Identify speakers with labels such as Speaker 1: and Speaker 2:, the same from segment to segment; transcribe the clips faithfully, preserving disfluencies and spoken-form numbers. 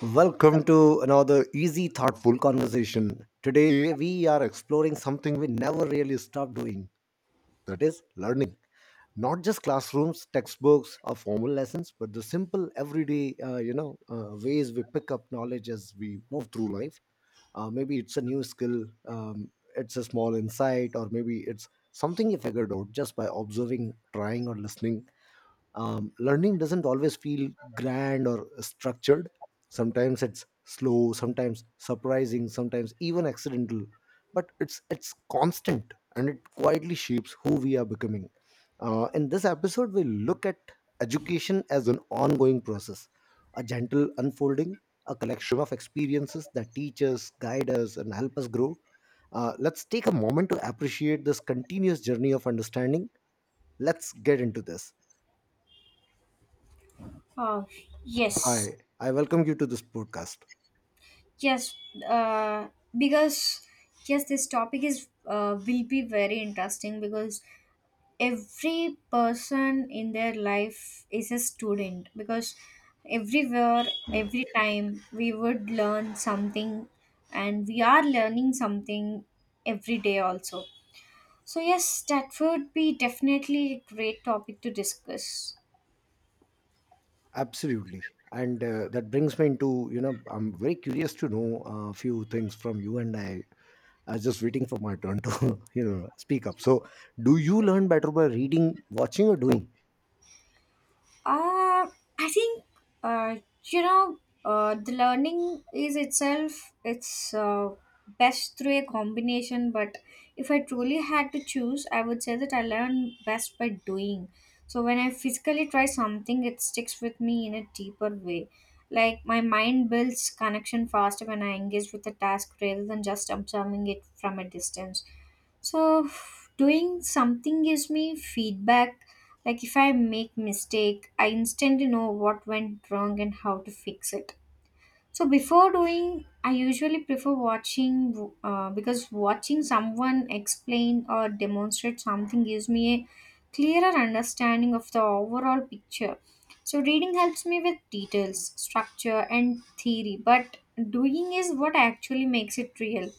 Speaker 1: Welcome to another easy, thoughtful conversation. Today, we are exploring something we never really stop doing, that is, learning. Not just classrooms, textbooks, or formal lessons, but the simple, everyday, uh, you know, uh, ways we pick up knowledge as we move through life. Uh, maybe it's a new skill, um, it's a small insight, or maybe it's something you figured out just by observing, trying, or listening um, Learning doesn't always feel grand or structured. Sometimes it's slow, sometimes surprising, sometimes even accidental, but it's it's constant, and it quietly shapes who we are becoming. Uh, in this episode, we look at education as an ongoing process, a gentle unfolding, a collection of experiences that teach us, guide us, and help us grow. Uh, let's take a moment to appreciate this continuous journey of understanding. Let's get into this.
Speaker 2: Oh, yes,
Speaker 1: Hi, I welcome you to this podcast.
Speaker 2: yes, uh, because yes, this topic is uh, will be very interesting because every person in their life is a student because everywhere, every time we would learn something, and we are learning something every day also. So yes, that would be definitely a great topic to discuss.
Speaker 1: Absolutely, and uh, that brings me into, you know, I'm very curious to know a few things from you, and I I was just waiting for my turn to you know, speak up. So, do you learn better by reading, watching, or doing?
Speaker 2: Uh, I think uh, you know uh, the learning is itself it's uh, best through a combination. But if I truly had to choose, I would say that I learn best by doing. So when I physically try something, it sticks with me in a deeper way. Like my mind builds connection faster when I engage with a task rather than just observing it from a distance. So doing something gives me feedback. Like if I make mistake, I instantly know what went wrong and how to fix it. So before doing, I usually prefer watching uh, because watching someone explain or demonstrate something gives me a clearer understanding of the overall picture. So reading helps me with details, structure, and theory, but doing is what actually makes it real.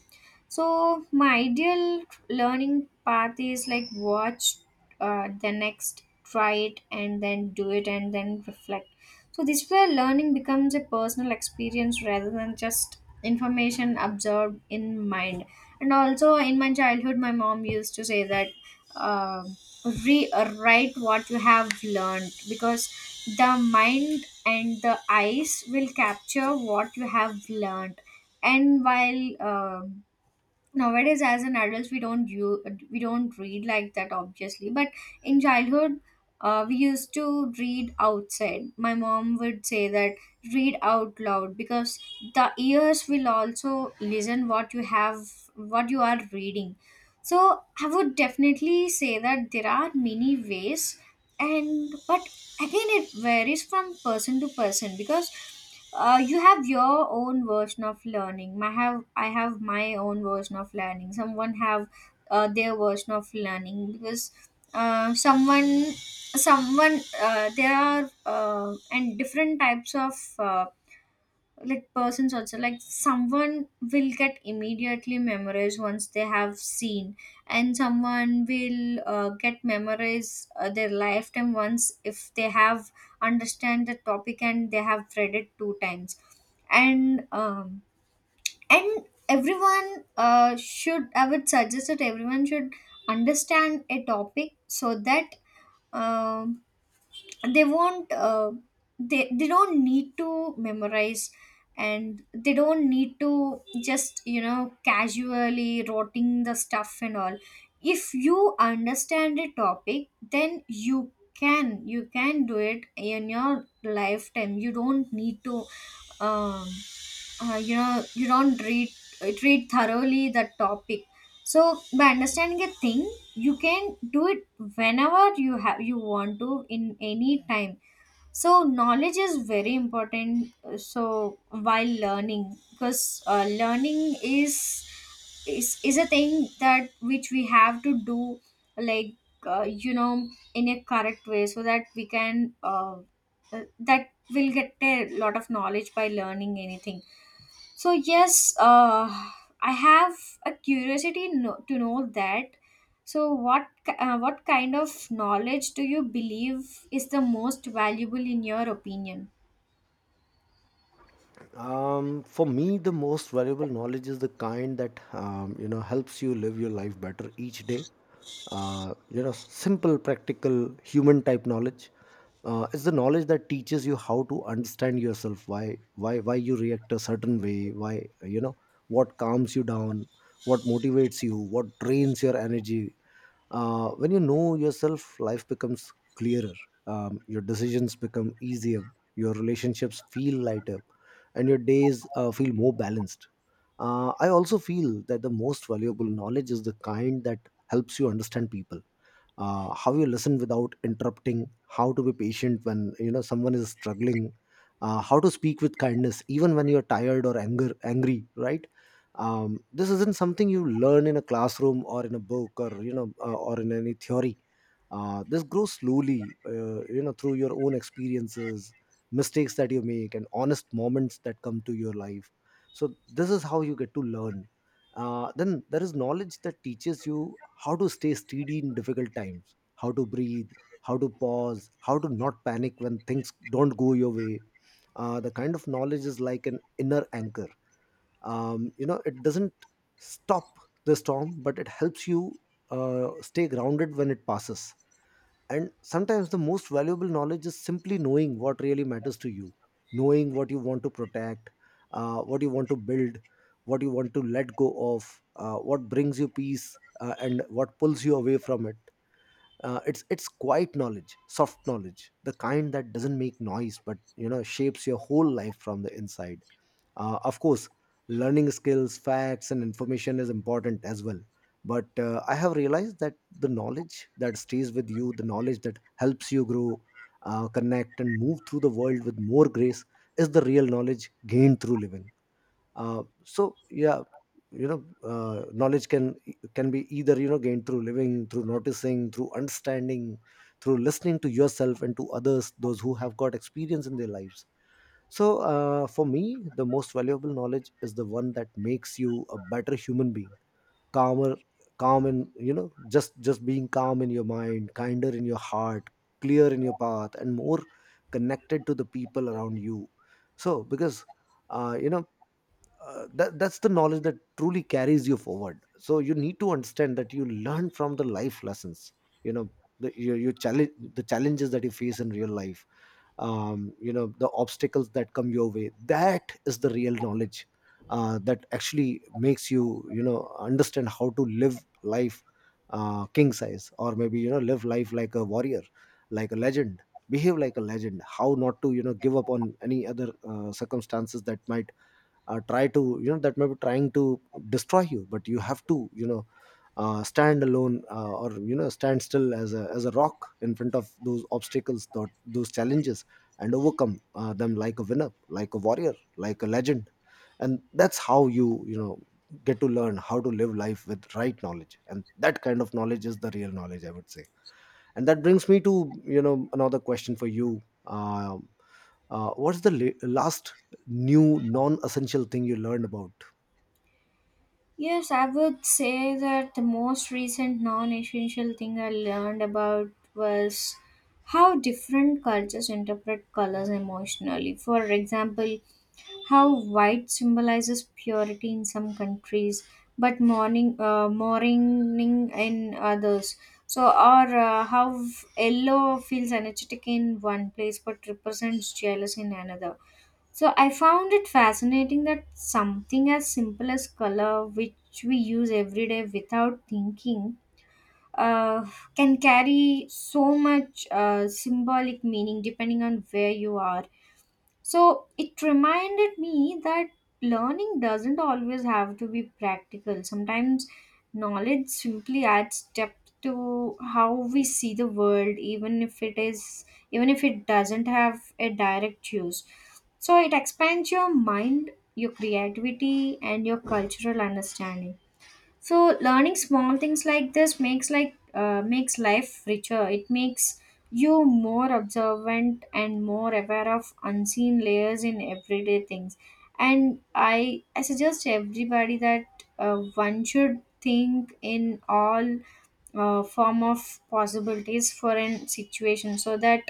Speaker 2: So my ideal learning path is like watch uh, the next, try it, and then do it, and then reflect. So this way, learning becomes a personal experience rather than just information absorbed in mind. And also, in my childhood, my mom used to say that uh, rewrite what you have learned because the mind and the eyes will capture what you have learned, and while um nowadays as an adults, we don't you we don't read like that obviously, but in childhood uh, we used to read outside. My mom would say that read out loud, because the ears will also listen what you have, what you are reading. So I would definitely say that there are many ways. And but again, it varies from person to person, because uh, you have your own version of learning, my have I have my own version of learning, someone have uh, their version of learning. Because uh, someone someone uh, there are uh, and different types of uh, like persons also. Like someone will get immediately memorized once they have seen, and someone will uh, get memorized uh, their lifetime once if they have understand the topic and they have read it two times. And um, and everyone uh, should, I would suggest that everyone should understand a topic so that um, they won't uh, they they don't need to memorize, and they don't need to just, you know, casually rotting the stuff and all. If you understand a topic, then you can you can do it in your lifetime. You don't need to um, uh, you know, you don't read read thoroughly that topic. So by understanding a thing, you can do it whenever you have you want to in any time. So knowledge is very important. uh, So while learning, because uh, learning is is is a thing that which we have to do, like, uh, you know, in a correct way, so that we can uh, uh, that will get a lot of knowledge by learning anything. So yes, uh, I have a curiosity no- to know that. So what ki- uh, what kind of knowledge do you believe is the most valuable in your opinion?
Speaker 1: Um, for me, the most valuable knowledge is the kind that, um, you know, helps you live your life better each day. Uh, you know, simple, practical, human type knowledge. Uh, it's the knowledge that teaches you how to understand yourself, why why why you react a certain way, why, you know, what calms you down, what motivates you, what drains your energy. Uh, when you know yourself, life becomes clearer. Um, your decisions become easier, your relationships feel lighter, and your days uh, feel more balanced. Uh, i also feel that the most valuable knowledge is the kind that helps you understand people. Uh, how you listen without interrupting, how to be patient when, you know, someone is struggling, uh, how to speak with kindness even when you're tired or anger angry, right? Um, this isn't something you learn in a classroom or in a book, or, you know, uh, or in any theory. Uh, this grows slowly, uh, you know, through your own experiences, mistakes that you make, and honest moments that come to your life. So this is how you get to learn. Uh, then there is knowledge that teaches you how to stay steady in difficult times, how to breathe, how to pause, how to not panic when things don't go your way. Uh, the kind of knowledge is like an inner anchor. Um, you know, it doesn't stop the storm, but it helps you uh, stay grounded when it passes. And sometimes the most valuable knowledge is simply knowing what really matters to you, knowing what you want to protect, uh, what you want to build, what you want to let go of, uh, what brings you peace, uh, and what pulls you away from it. Uh, it's it's quiet knowledge, soft knowledge, the kind that doesn't make noise but, you know, shapes your whole life from the inside. Uh, of course, learning skills, facts, and information is important as well, but uh, i have realized that the knowledge that stays with you, the knowledge that helps you grow, uh, connect, and move through the world with more grace, is the real knowledge gained through living. Uh, so yeah, you know, uh, knowledge can can be either, you know, gained through living, through noticing, through understanding, through listening to yourself and to others, those who have got experience in their lives. So uh, for me, the most valuable knowledge is the one that makes you a better human being, calmer, calm in, you know, just just being calm in your mind, kinder in your heart, clear in your path, and more connected to the people around you. So because uh, you know, uh, that, that's the knowledge that truly carries you forward. So you need to understand that you learn from the life lessons, you know, the your, your challenge the challenges that you face in real life. Um, you know, the obstacles that come your way, that is the real knowledge uh, that actually makes you, you know, understand how to live life, uh, king size, or maybe, you know, live life like a warrior, like a legend. Behave like a legend. How not to, you know, give up on any other uh, circumstances that might uh, try to, you know, that may be trying to destroy you. But you have to, you know, uh, stand alone, uh, or, you know, stand still as a as a rock in front of those obstacles, those, those challenges, and overcome uh, them like a winner, like a warrior, like a legend. And that's how you, you know, get to learn how to live life with right knowledge, and that kind of knowledge is the real knowledge, I would say. And that brings me to, you know, another question for you. Um, uh, what's the la- last new non-essential thing you learned about?
Speaker 2: Yes, I would say that the most recent non essential thing I learned about was how different cultures interpret colors emotionally. For example, how white symbolizes purity in some countries, but mourning, uh, mourning in others. So, or uh, how yellow feels energetic in one place but represents jealousy in another. So I found it fascinating that something as simple as color, which we use every day without thinking, uh, can carry so much uh, symbolic meaning depending on where you are. So it reminded me that learning doesn't always have to be practical. Sometimes knowledge simply adds depth to how we see the world, even if it is even if it doesn't have a direct use. So it expands your mind, your creativity, and your cultural understanding. So learning small things like this makes like uh, makes life richer. It makes you more observant and more aware of unseen layers in everyday things. And i i suggest everybody that uh, one should think in all uh, form of possibilities for an situation, so that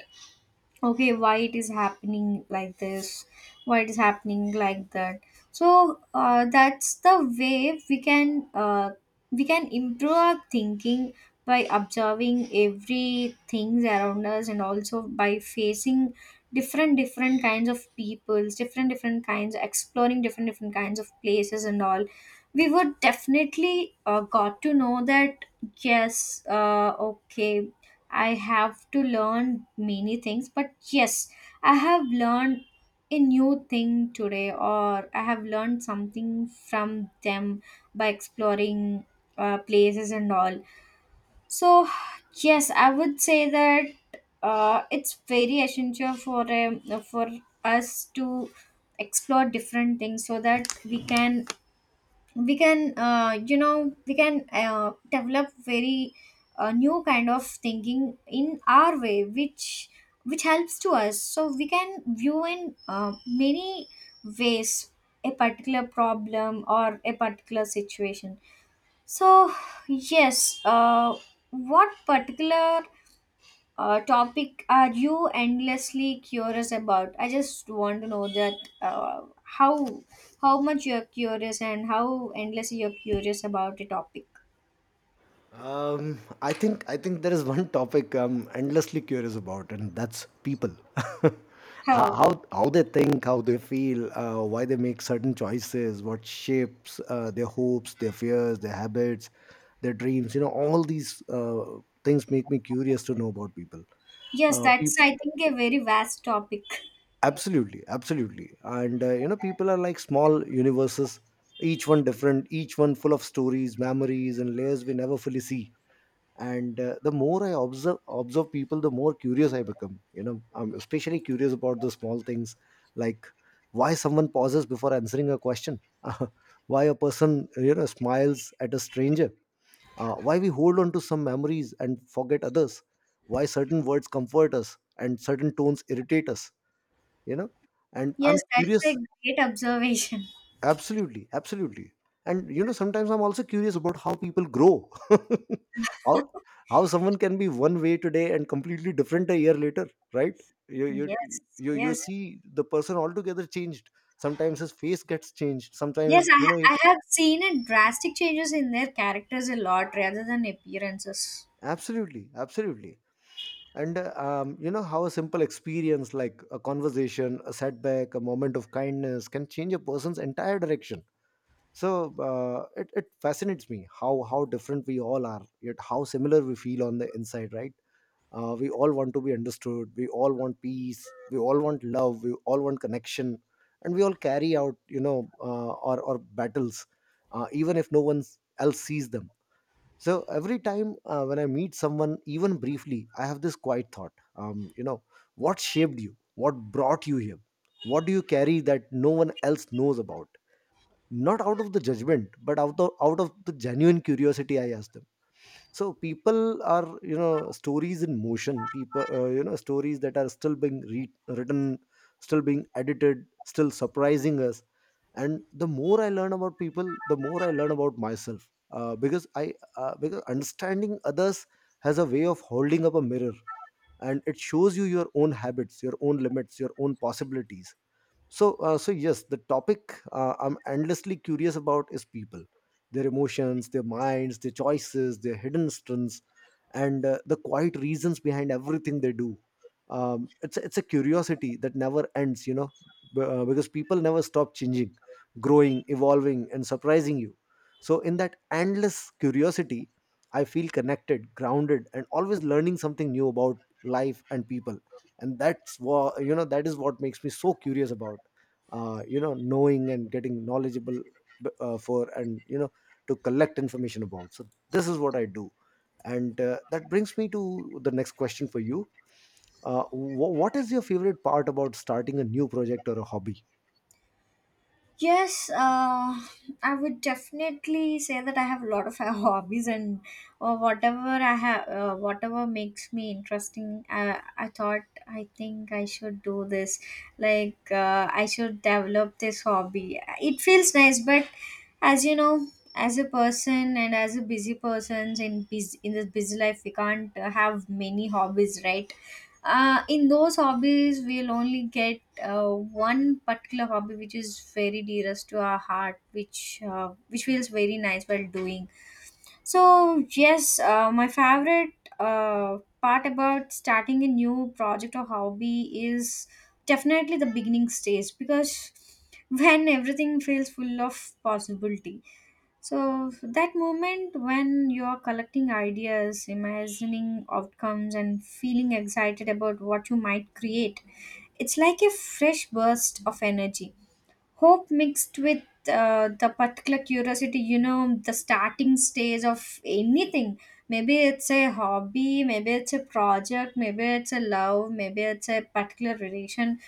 Speaker 2: okay, why it is happening like this, why it is happening like that. So uh, that's the way we can uh, we can improve our thinking by observing every things around us, and also by facing different different kinds of peoples, different different kinds, exploring different different kinds of places and all. We would definitely uh, got to know that yes, uh, okay, I have to learn many things, but yes, I have learned a new thing today, or I have learned something from them by exploring uh, places and all. So, yes, I would say that uh, it's very essential for um, for us to explore different things so that we can we can uh, you know, we can uh, develop very uh, new kind of thinking in our way, which which helps to us, so we can view in uh, many ways a particular problem or a particular situation. So yes, uh, what particular uh, topic are you endlessly curious about? I just want to know that uh, how how much you're curious and how endlessly you're curious about a topic.
Speaker 1: Um, i think i think there is one topic I'm endlessly curious about, and that's people. how,
Speaker 2: How?
Speaker 1: how how they think, how they feel, uh, why they make certain choices, what shapes uh, their hopes, their fears, their habits, their dreams, you know, all these uh, things make me curious to know about people.
Speaker 2: Yes,
Speaker 1: uh, pe-
Speaker 2: that's I think a very vast topic.
Speaker 1: Absolutely, absolutely. And uh, you know, people are like small universes, each one different, each one full of stories, memories, and layers we never fully see. And uh, the more i observe observe people, the more curious I become. You know, I'm especially curious about the small things, like why someone pauses before answering a question, why a person, you know, smiles at a stranger, uh, why we hold on to some memories and forget others, why certain words comfort us and certain tones irritate us, you know. And
Speaker 2: Yes,
Speaker 1: I'm
Speaker 2: that's a
Speaker 1: curious.
Speaker 2: great observation.
Speaker 1: Absolutely, absolutely. And you know, sometimes I'm also curious about how people grow. how how someone can be one way today and completely different a year later, right? you you
Speaker 2: Yes,
Speaker 1: you you
Speaker 2: yes,
Speaker 1: see the person altogether changed. Sometimes his face gets changed, sometimes
Speaker 2: yes.
Speaker 1: his-
Speaker 2: I
Speaker 1: you know, he-
Speaker 2: ha- I have seen a drastic changes in their characters a lot rather than appearances.
Speaker 1: absolutely, absolutely. And uh, um, you know, how a simple experience like a conversation, a setback, a moment of kindness can change a person's entire direction. So uh, it, it fascinates me how how different we all are, yet how similar we feel on the inside, right? Uh, we all want to be understood, we all want peace, we all want love, we all want connection. And we all carry out, you know, uh, our, our battles, uh, even if no one else sees them. So every time uh, when I meet someone, even briefly, I have this quiet thought, um, you know, what shaped you, what brought you here, what do you carry that no one else knows about? Not out of the judgment, but out of out of the genuine curiosity, I asked them. So people are, you know, stories in motion. People, uh, you know, stories that are still being re- written, still being edited, still surprising us. And the more I learn about people, the more I learn about myself, uh, because i uh, because understanding others has a way of holding up a mirror, and it shows you your own habits, your own limits, your own possibilities. So uh, so yes, the topic uh, I'm endlessly curious about is people, their emotions, their minds, their choices, their hidden strengths, and uh, the quiet reasons behind everything they do. Um, it's it's a curiosity that never ends, you know, b- uh, because people never stop changing, growing, evolving, and surprising you. So in that endless curiosity, I feel connected, grounded, and always learning something new about life and people. And that's what, you know, that is what makes me so curious about, uh, you know, knowing and getting knowledgeable, b- uh, for and, you know, to collect information about. So this is what I do. And uh, that brings me to the next question for you. Uh, wh- what is your favorite part about starting a new project or a hobby?
Speaker 2: Yes, uh, I would definitely say that I have a lot of hobbies and uh, whatever I have, uh, whatever makes me interesting. I, I thought I think I should do this. Like uh, I should develop this hobby. It feels nice, but as you know, as a person and as a busy person in busy, in this busy life, we can't uh, have many hobbies, right? Uh, in those hobbies, we'll only get uh, one particular hobby which is very dearest to our heart, which uh, which feels very nice while doing. So yes, uh, my favorite uh, part about starting a new project or hobby is definitely the beginning stage, because when everything feels full of possibility. So that moment when you are collecting ideas, imagining outcomes, and feeling excited about what you might create, it's like a fresh burst of energy. Hope mixed with uh, the particular curiosity, you know, the starting stage of anything. Maybe it's a hobby, maybe it's a project, maybe it's a love, maybe it's a particular relation.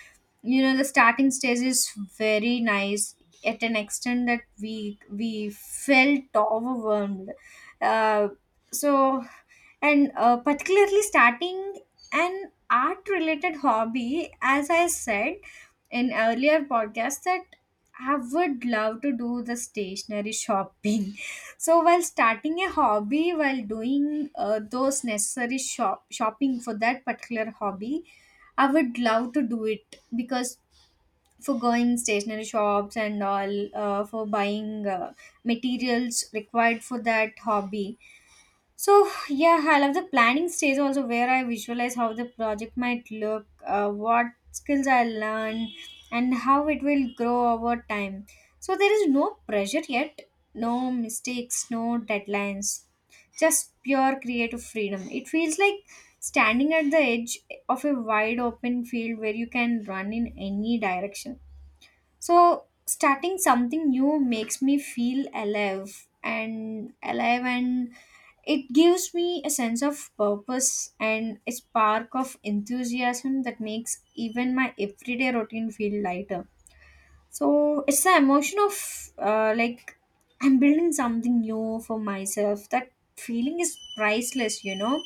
Speaker 2: You know, the starting stage is very nice at an extent that we we felt overwhelmed. Uh, so and uh, Particularly starting an art related hobby, as I said in earlier podcast, that I would love to do the stationery shopping. So while starting a hobby, while doing uh, those necessary shop shopping for that particular hobby, I would love to do it, because for going stationery shops and all, uh, for buying uh, materials required for that hobby. So yeah, I love the planning stage also, where I visualize how the project might look, uh, what skills I learn, and how it will grow over time. So there is no pressure yet, no mistakes, no deadlines, just pure creative freedom. It feels like standing at the edge of a wide open field where you can run in any direction. So starting something new makes me feel alive and alive, and it gives me a sense of purpose and a spark of enthusiasm that makes even my everyday routine feel lighter. So it's the emotion of uh, like, I'm building something new for myself. That feeling is priceless, you know.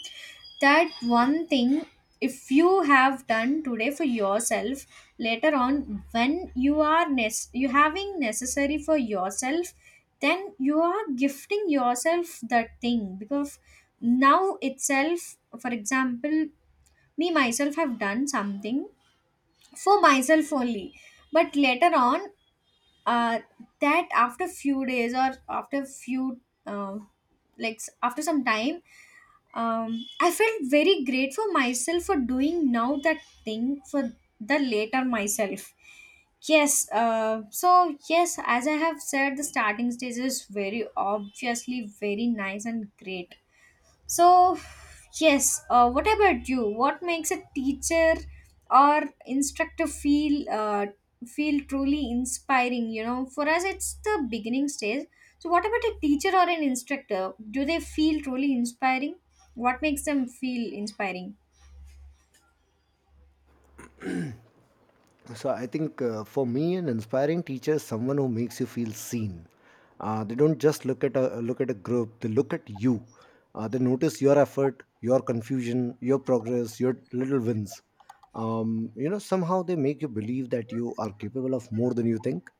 Speaker 2: That one thing, if you have done today for yourself, later on, when you are nes- you having necessary for yourself, then you are gifting yourself that thing. Because now itself, for example, me myself have done something for myself only, but later on, uh, that after few days or after few um, like s- after some time, um, I felt very grateful myself for doing now that thing for the later myself. Yes, uh, so yes, as I have said, the starting stage is very obviously very nice and great. So, yes, uh, what about you? What makes a teacher or instructor feel uh, feel truly inspiring? You know, for us, it's the beginning stage. So, what about a teacher or an instructor? Do they feel truly inspiring? What makes them feel inspiring?
Speaker 1: So I think, uh, for me, an inspiring teacher is someone who makes you feel seen. Uh, they don't just look at a look at a group; they look at you. Uh, they notice your effort, your confusion, your progress, your little wins. Um, you know, somehow they make you believe that you are capable of more than you think.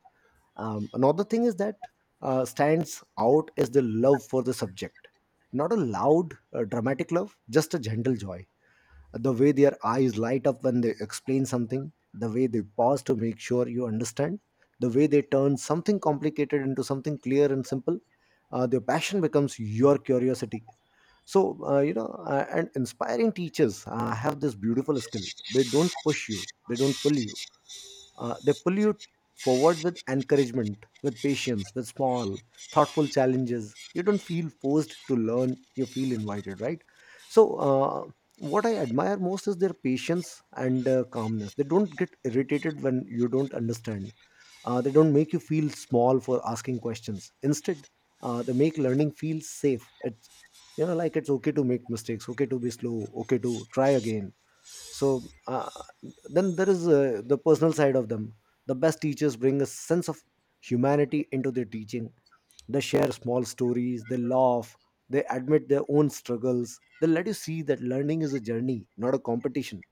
Speaker 1: Um, another thing is that uh, stands out is the love for the subject, not a loud, uh, dramatic love, just a gentle joy. The way their eyes light up when they explain something, the way they pause to make sure you understand, the way they turn something complicated into something clear and simple. Uh, their passion becomes your curiosity. So, uh, you know, uh, and inspiring teachers uh, have this beautiful skill. They don't push you, they don't pull you uh, they pull you forward with encouragement, with patience, with small, thoughtful challenges. You don't feel forced to learn, you feel invited, right? So, uh, what I admire most is their patience and uh, calmness. They don't get irritated when you don't understand. Uh, they don't make you feel small for asking questions. Instead, uh, they make learning feel safe. It's you know like it's okay to make mistakes, okay to be slow, okay to try again. So uh, then there is uh, the personal side of them. The best teachers bring a sense of humanity into their teaching. They share small stories, they laugh, they admit their own struggles, they let you see that learning is a journey, not a competition.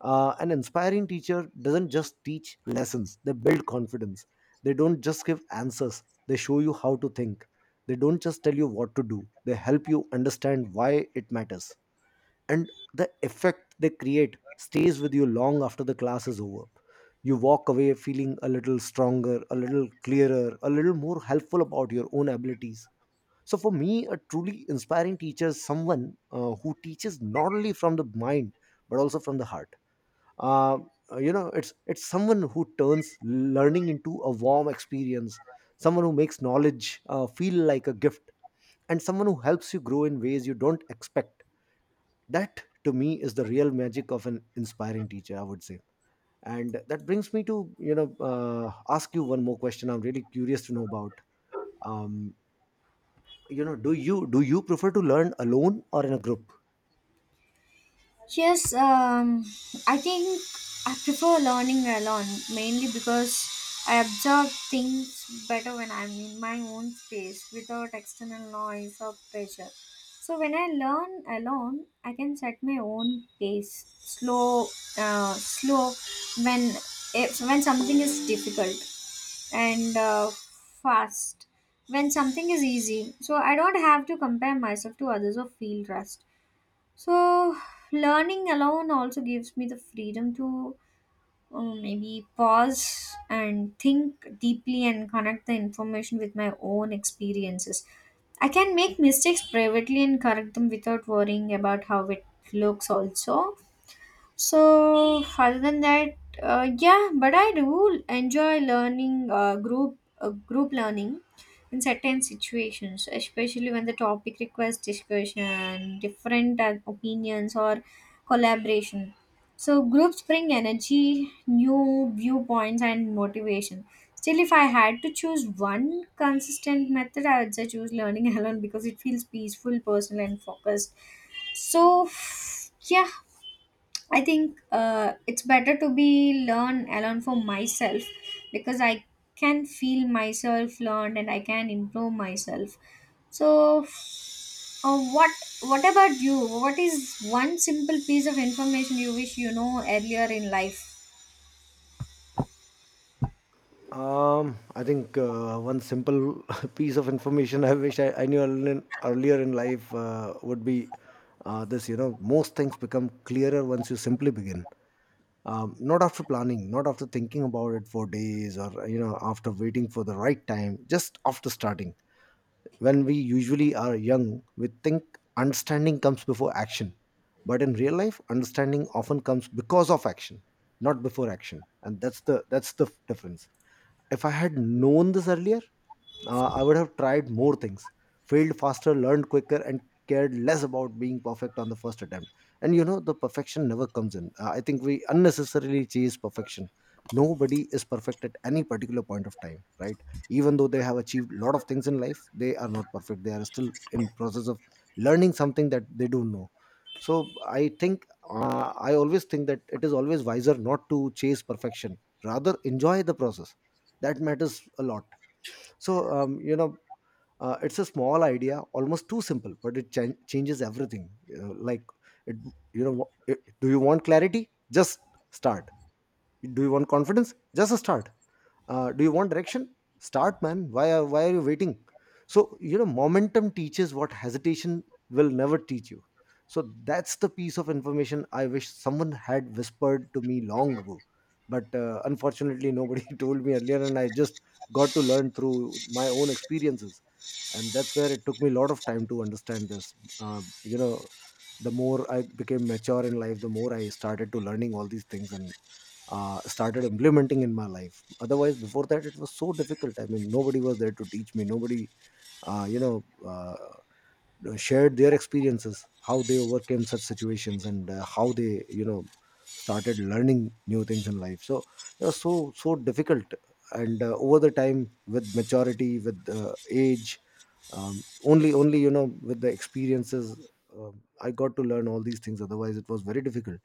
Speaker 1: uh, An inspiring teacher doesn't just teach lessons, they build confidence. They don't just give answers, they show you how to think. They don't just tell you what to do, they help you understand why it matters. And the effect they create stays with you long after the class is over. You walk away feeling a little stronger, a little clearer, a little more helpful about your own abilities. So for me, a truly inspiring teacher is someone uh, who teaches not only from the mind but also from the heart. Uh, uh, you know it's it's someone who turns learning into a warm experience, someone who makes knowledge uh, feel like a gift, and someone who helps you grow in ways you don't expect. That, to me, is the real magic of an inspiring teacher, I would say. And that brings me to, you know uh, ask you one more question. I'm really curious to know about, um, you know do you do you prefer to learn alone or in a group?
Speaker 2: Yes, um, I think I prefer learning alone, mainly because I observe things better when I'm in my own space without external noise or pressure. So when I learn alone, I can set my own pace, slow, uh, slow when, if, when something is difficult, and uh, fast when something is easy. So I don't have to compare myself to others or feel rushed. So, learning alone also gives me the freedom to um, maybe pause and think deeply and connect the information with my own experiences. I can make mistakes privately and correct them without worrying about how it looks, also. So, other than that, uh, yeah, but I do enjoy learning uh, group uh, group learning in certain situations, especially when the topic requires discussion, different uh, opinions, or collaboration. So, groups bring energy, new viewpoints, and motivation. Still, if I had to choose one consistent method, I would say choose learning alone, because it feels peaceful, personal, and focused. So yeah, I think uh, it's better to be learn alone for myself, because I can feel myself learned and I can improve myself. So, uh, what what about you? What is one simple piece of information you wish you know earlier in life?
Speaker 1: um, I think uh, one simple piece of information I wish I, I knew earl- earlier in life uh, would be uh, this. You know, most things become clearer once you simply begin. Um, not after planning, not after thinking about it for days, or you know, after waiting for the right time, just after starting. When we usually are young, we think understanding comes before action, but in real life, understanding often comes because of action, not before action. And that's the that's the difference. If I had known this earlier, uh, I would have tried more things, failed faster, learned quicker, and cared less about being perfect on the first attempt. And you know, the perfection never comes in. Uh, I think we unnecessarily chase perfection. Nobody is perfect at any particular point of time, right? Even though they have achieved a lot of things in life, they are not perfect. They are still in process of learning something that they don't know. So I think uh, I always think that it is always wiser not to chase perfection. Rather, enjoy the process. That matters a lot. So um, you know uh, it's a small idea, almost too simple, but it chan changes everything. You know, like, it you know it, do you want clarity? Just start. Do you want confidence? Just start. Uh, do you want direction? Start, man. Why are, why are you waiting? So you know, momentum teaches what hesitation will never teach you. So that's the piece of information I wish someone had whispered to me long ago. But uh, unfortunately, nobody told me earlier, and I just got to learn through my own experiences. And that's where it took me a lot of time to understand this. uh, you know the more I became mature in life, the more I started to learning all these things, and uh, started implementing in my life. Otherwise, before that, it was so difficult. I mean, nobody was there to teach me. Nobody uh, you know uh, know, shared their experiences, how they overcame such situations, and uh, how they, you know, started learning new things in life. So it was so so difficult. And uh, over the time, with maturity, with uh, age, um, only only you know, with the experiences, um, I got to learn all these things. Otherwise, it was very difficult.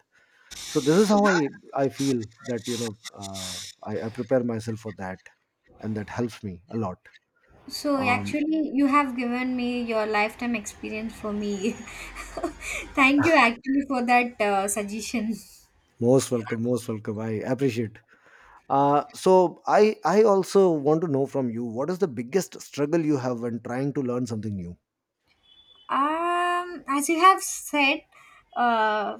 Speaker 1: So this is how i i feel that, you know, uh, I, I prepare myself for that, and that helps me a lot.
Speaker 2: So
Speaker 1: um,
Speaker 2: actually, you have given me your lifetime experience for me. Thank you actually for that uh, suggestion.
Speaker 1: Most welcome, most welcome, I appreciate. Uh, so I I also want to know from you, what is the biggest struggle you have when trying to learn something new?
Speaker 2: Um, as you have said, uh,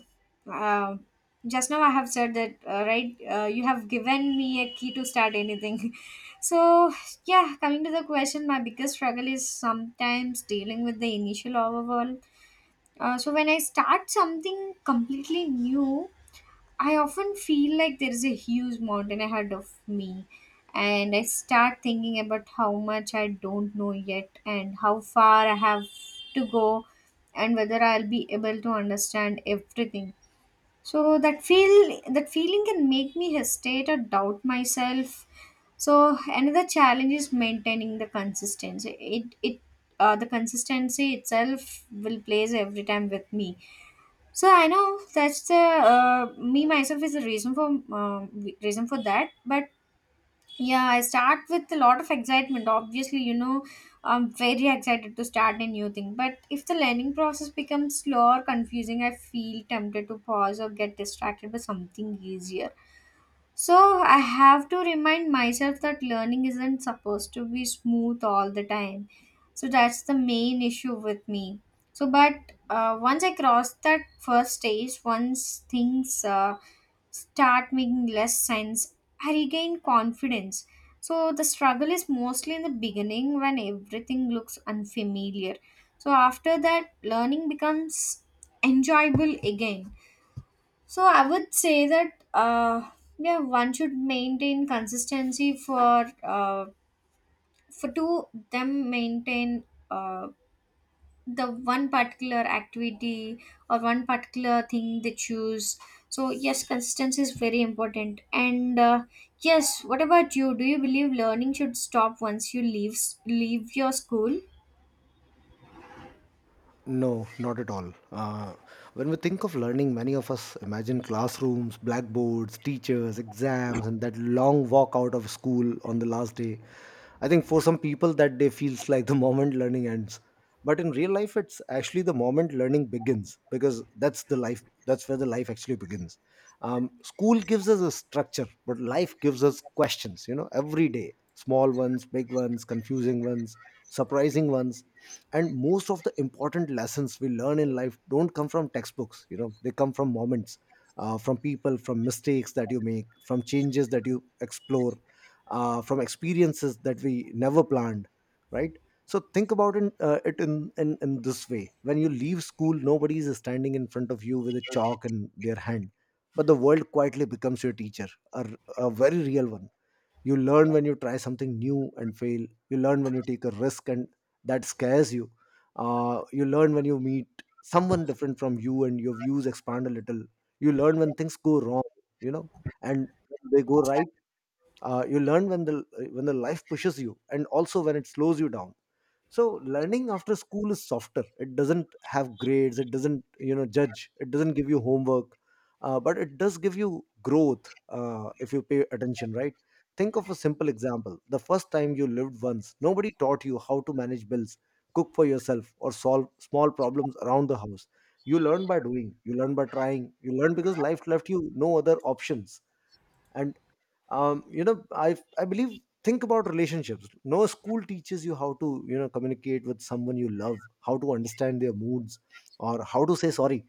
Speaker 2: uh, just now I have said that, uh, right? Uh, you have given me a key to start anything. So, yeah, coming to the question, my biggest struggle is sometimes dealing with the initial overwhelm. Uh, so, when I start something completely new, I often feel like there is a huge mountain ahead of me, and I start thinking about how much I don't know yet, and how far I have to go, and whether I'll be able to understand everything. So that feel that feeling can make me hesitate or doubt myself. So another challenge is maintaining the consistency. It it uh, The consistency itself will plays every time with me. So I know that's the uh, me myself is the reason for uh, reason for that. But yeah, I start with a lot of excitement. Obviously, you know, I'm very excited to start a new thing. But if the learning process becomes slow or confusing, I feel tempted to pause or get distracted by something easier. So I have to remind myself that learning isn't supposed to be smooth all the time. So that's the main issue with me. So, but uh, once I cross that first stage, once things uh, start making less sense, I regain confidence. So the struggle is mostly in the beginning when everything looks unfamiliar. So after that, learning becomes enjoyable again. So I would say that uh, yeah, one should maintain consistency for uh, for to them maintain uh, the one particular activity or one particular thing they choose. So yes, consistency is very important. And uh, yes, what about you? Do you believe learning should stop once you leave leave your school?
Speaker 1: No, not at all. Uh, when we think of learning, many of us imagine classrooms, blackboards, teachers, exams, and that long walk out of school on the last day. I think for some people, that day feels like the moment learning ends. But in real life, it's actually the moment learning begins, because that's the life. That's where the life actually begins. Um, school gives us a structure, but life gives us questions. You know, every day, small ones, big ones, confusing ones, surprising ones. And most of the important lessons we learn in life don't come from textbooks. You know, they come from moments, uh, from people, from mistakes that you make, from changes that you explore, uh, from experiences that we never planned, right? So think about it, uh, it in, in, in this way. When you leave school, nobody is standing in front of you with a chalk in their hand, but the world quietly becomes your teacher. A a very real one. You learn when you try something new and fail. You learn when you take a risk and that scares you. Uh, you learn when you meet someone different from you and your views expand a little. You learn when things go wrong, you know, and when they go right. Uh, you learn when the when the life pushes you, and also when it slows you down. So learning after school is softer. It doesn't have grades, it doesn't, you know, judge, it doesn't give you homework. Uh, but it does give you growth, uh, if you pay attention, right? Think of a simple example. The first time you lived once, nobody taught you how to manage bills, cook for yourself, or solve small problems around the house. You learn by doing, you learn by trying, you learn because life left you no other options. And um, you know i i believe, think about relationships. No school teaches you how to, you know, communicate with someone you love, how to understand their moods, or how to say sorry.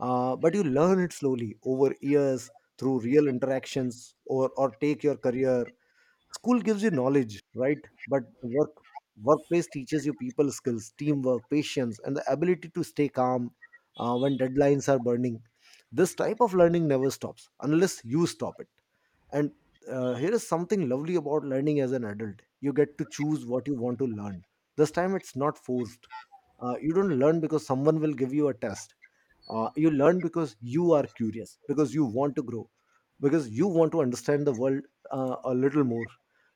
Speaker 1: uh, But you learn it slowly over years, through real interactions. Or or take your career. School gives you knowledge, right? But the work workplace teaches you people skills, teamwork, patience, and the ability to stay calm uh, when deadlines are burning. This type of learning never stops unless you stop it. And uh, here is something lovely about learning as an adult. You get to choose what you want to learn. This time it's not forced. Uh, you don't learn because someone will give you a test. Uh, you learn because you are curious, because you want to grow, because you want to understand the world uh, a little more.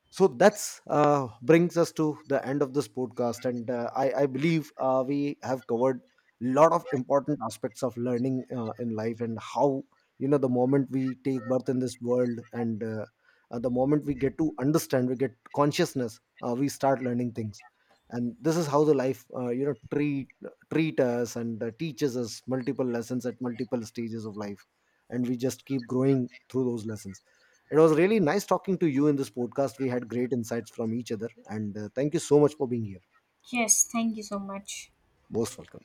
Speaker 1: So that's, uh, brings us to the end of this podcast, and uh, I, I believe uh, we have covered a lot of important aspects of learning uh, in life, and how, you know, the moment we take birth in this world, and uh, uh, the moment we get to understand, we get consciousness, uh, we start learning things. And this is how the life, uh, you know treat treat us, and uh, teaches us multiple lessons at multiple stages of life. And we just keep growing through those lessons. It was really nice talking to you in this podcast. We had great insights from each other, and uh, thank you so much for being here.
Speaker 2: Yes, thank you so much.
Speaker 1: Most welcome.